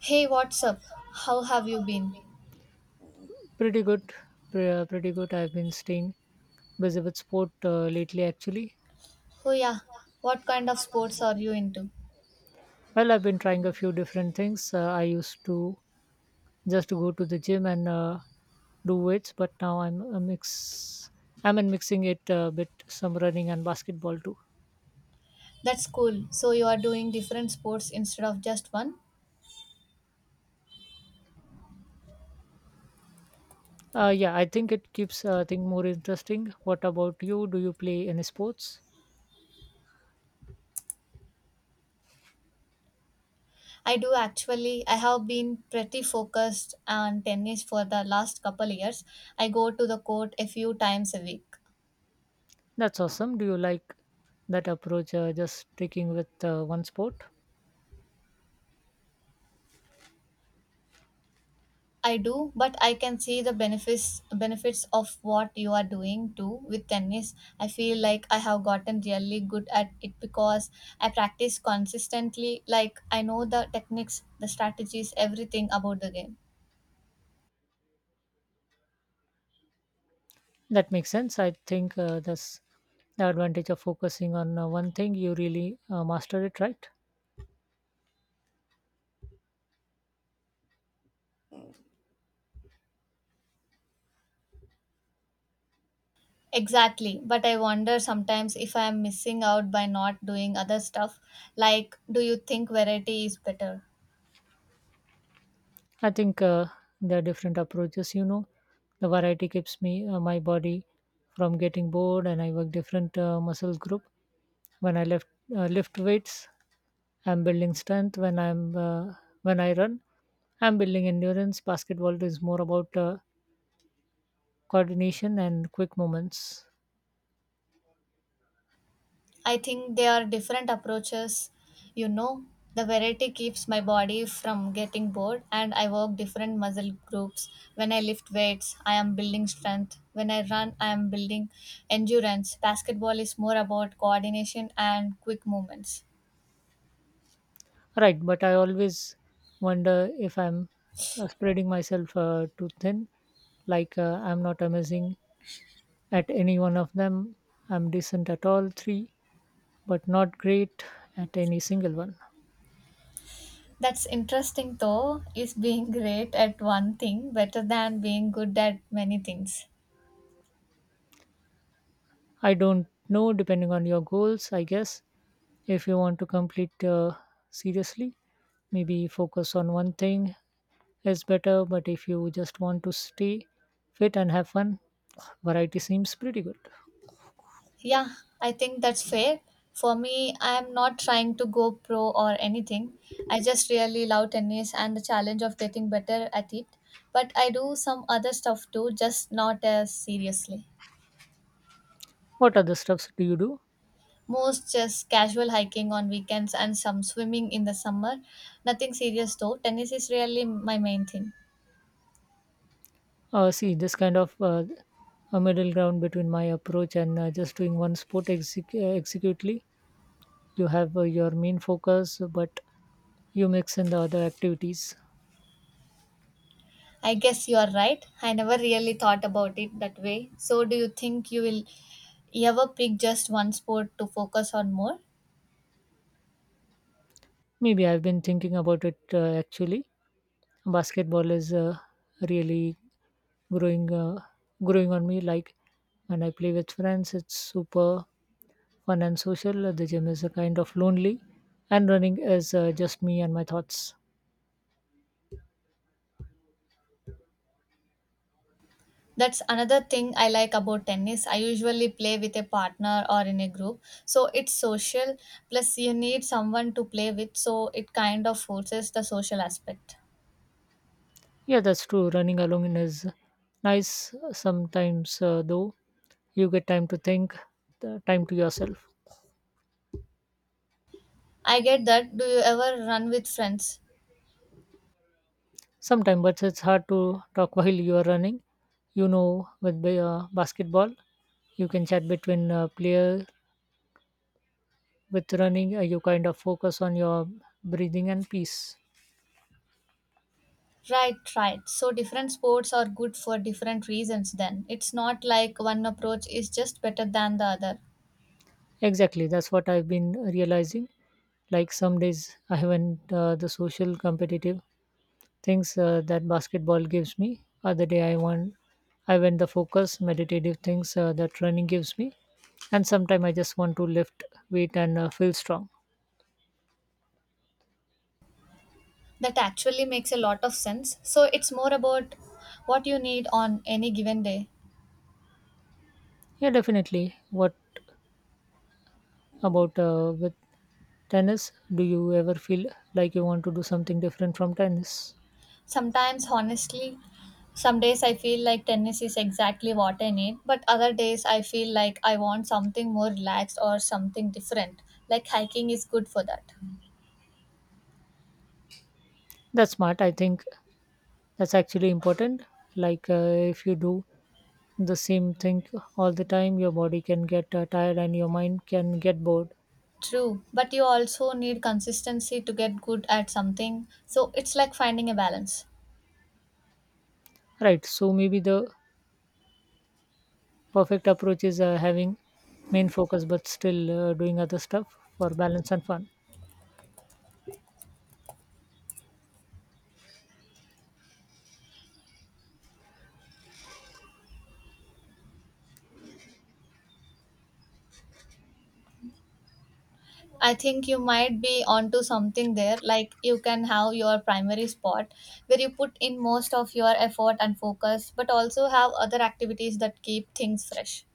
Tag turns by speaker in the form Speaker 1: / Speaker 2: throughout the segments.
Speaker 1: Hey, what's up? How have you been?
Speaker 2: Pretty good, pretty good. I've been staying busy with sport lately, actually.
Speaker 1: Oh, yeah. What kind of sports are you into?
Speaker 2: Well, I've been trying a few different things. I used to just go to the gym and do weights, but now I'm a mix. I'm in mixing it a bit, some running and basketball too.
Speaker 1: That's cool. So, you are doing different sports instead of just one?
Speaker 2: Yeah, I think it keeps thing more interesting. What about you? Do you play any sports?
Speaker 1: I do actually. I have been pretty focused on tennis for the last couple years. I go to the court a few times a week.
Speaker 2: That's awesome. Do you like that approach? Just sticking with one sport?
Speaker 1: I do, but I can see the benefits of what you are doing too with tennis. I feel like I have gotten really good at it because I practice consistently. Like I know the techniques, the strategies, everything about the game.
Speaker 2: That makes sense. I think that's the advantage of focusing on one thing. You really master it, right?
Speaker 1: Exactly, but I wonder sometimes if I am missing out by not doing other stuff. Like, do you think variety is better?
Speaker 2: I think there are different approaches. You know, the variety keeps me my body from getting bored, and I work different muscle group. When I lift weights, I'm building strength. When I'm when I run, I'm building endurance. Basketball is more about coordination and quick movements.
Speaker 1: I think they are different approaches. You know, the variety keeps my body from getting bored, and I work different muscle groups. When I lift weights, I am building strength. When I run, I am building endurance. Basketball is more about coordination and quick movements.
Speaker 2: Right, but I always wonder if I'm spreading myself too thin. I'm not amazing at any one of them. I'm decent at all three, but not great at any single one.
Speaker 1: That's interesting, though, is being great at one thing better than being good at many things?
Speaker 2: I don't know, depending on your goals, I guess. If you want to complete seriously, maybe focus on one thing is better. But if you just want to stay fit and have fun, variety seems pretty good.
Speaker 1: Yeah, I think that's fair. For me, I am not trying to go pro or anything. I just really love tennis and the challenge of getting better at it. But I do some other stuff too, just not as seriously.
Speaker 2: What other stuffs do you do?
Speaker 1: Most just casual hiking on weekends and some swimming in the summer. Nothing serious though. Tennis is really my main thing.
Speaker 2: See, this kind of a middle ground between my approach and just doing one sport executely. You have your main focus, but you mix in the other activities.
Speaker 1: I guess you are right. I never really thought about it that way. So, do you think you will ever pick just one sport to focus on more?
Speaker 2: Maybe I've been thinking about it actually. Basketball is really growing, uh, growing on me. Like when I play with friends, it's super fun and social. The gym is a kind of lonely, and running is just me and my thoughts.
Speaker 1: That's another thing I like about tennis. I usually play with a partner or in a group. So it's social, plus, you need someone to play with, so it kind of forces the social aspect.
Speaker 2: Yeah, that's true. Running alone is nice sometimes, though. You get time to think, the time to yourself.
Speaker 1: I get that. Do you ever run with friends?
Speaker 2: Sometimes, but it's hard to talk while you are running. You know, with basketball, you can chat between player. With running, you kind of focus on your breathing and peace.
Speaker 1: Right, right. So different sports are good for different reasons, then. It's not like one approach is just better than the other.
Speaker 2: Exactly, that's what I've been realizing. Like some days, I haven't the social competitive things that basketball gives me. Other day I want I went the focus, meditative things that running gives me. And sometimes I just want to lift weight and feel strong.
Speaker 1: That actually makes a lot of sense. So it's more about what you need on any given day.
Speaker 2: Yeah, definitely. What about with tennis? Do you ever feel like you want to do something different from tennis?
Speaker 1: Sometimes, honestly, some days I feel like tennis is exactly what I need, but other days I feel like I want something more relaxed or something different. Like hiking is good for that.
Speaker 2: That's smart. I think that's actually important. If you do the same thing all the time, your body can get tired and your mind can get bored.
Speaker 1: True, but you also need consistency to get good at something, so it's like finding a balance.
Speaker 2: Right. So maybe the perfect approach is having main focus but still doing other stuff for balance and fun
Speaker 1: I think you might be onto something there, like you can have your primary spot where you put in most of your effort and focus, but also have other activities that keep things fresh.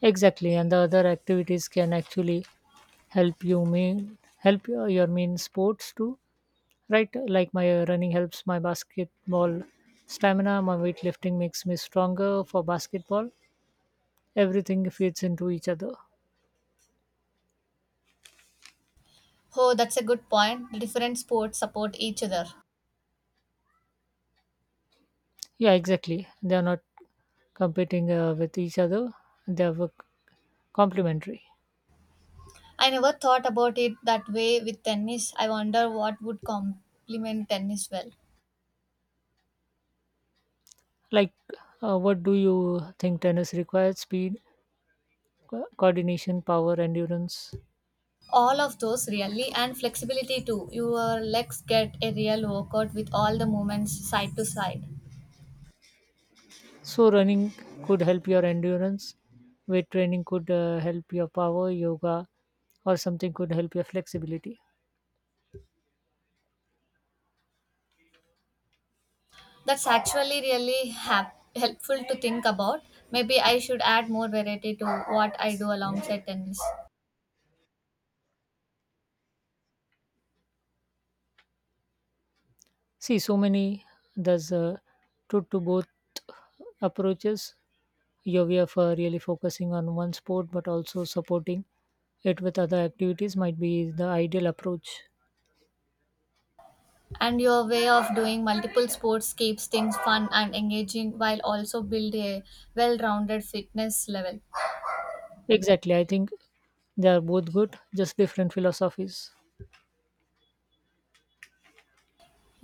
Speaker 2: exactly and the other activities can actually help you mean help your mean sports too right like my running helps my basketball stamina my weightlifting makes me stronger for basketball everything fits into each other
Speaker 1: Oh, that's a good point. The different sports support each other.
Speaker 2: yeah exactly they are not competing with each other they are complementary
Speaker 1: I never thought about it that way with tennis. I wonder what would complement tennis well.
Speaker 2: like what do you think tennis requires speed coordination, power, endurance.
Speaker 1: All of those really, and flexibility too. Your legs get a real workout with all the movements side to side.
Speaker 2: So running could help your endurance. Weight training could help your power, yoga, or something could help your flexibility.
Speaker 1: That's actually really helpful to think about. Maybe I should add more variety to what I do alongside tennis.
Speaker 2: See, so many there's truth to both approaches. Your way of really focusing on one sport, but also supporting it with other activities might be the ideal approach.
Speaker 1: And your way of doing multiple sports keeps things fun and engaging while also build a well-rounded fitness level.
Speaker 2: Exactly, I think they are both good, just different philosophies.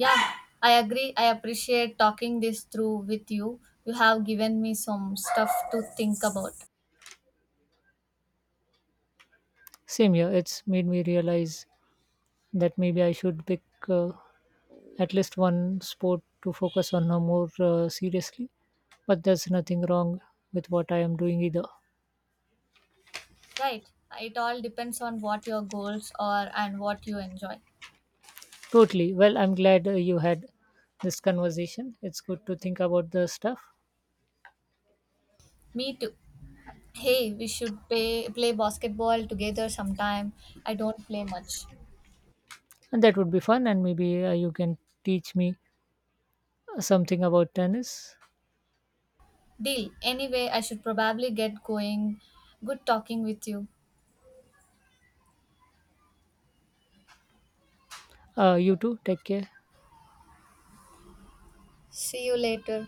Speaker 1: Yeah, I agree. I appreciate talking this through with you. You have given me some stuff to think about.
Speaker 2: Same here, it's made me realize that maybe I should pick uh, at least one sport to focus on more seriously. But there's nothing wrong with what I am doing either.
Speaker 1: Right, it all depends on what your goals are and what you enjoy.
Speaker 2: Totally. Well, I'm glad you had this conversation. It's good to think about the stuff,
Speaker 1: Me too. Hey, we should play basketball together sometime. I don't play much.
Speaker 2: and that would be fun. And maybe you can teach me something about tennis.
Speaker 1: Deal. Anyway, I should probably get going. Good talking with you.
Speaker 2: You too. Take care.
Speaker 1: See you later.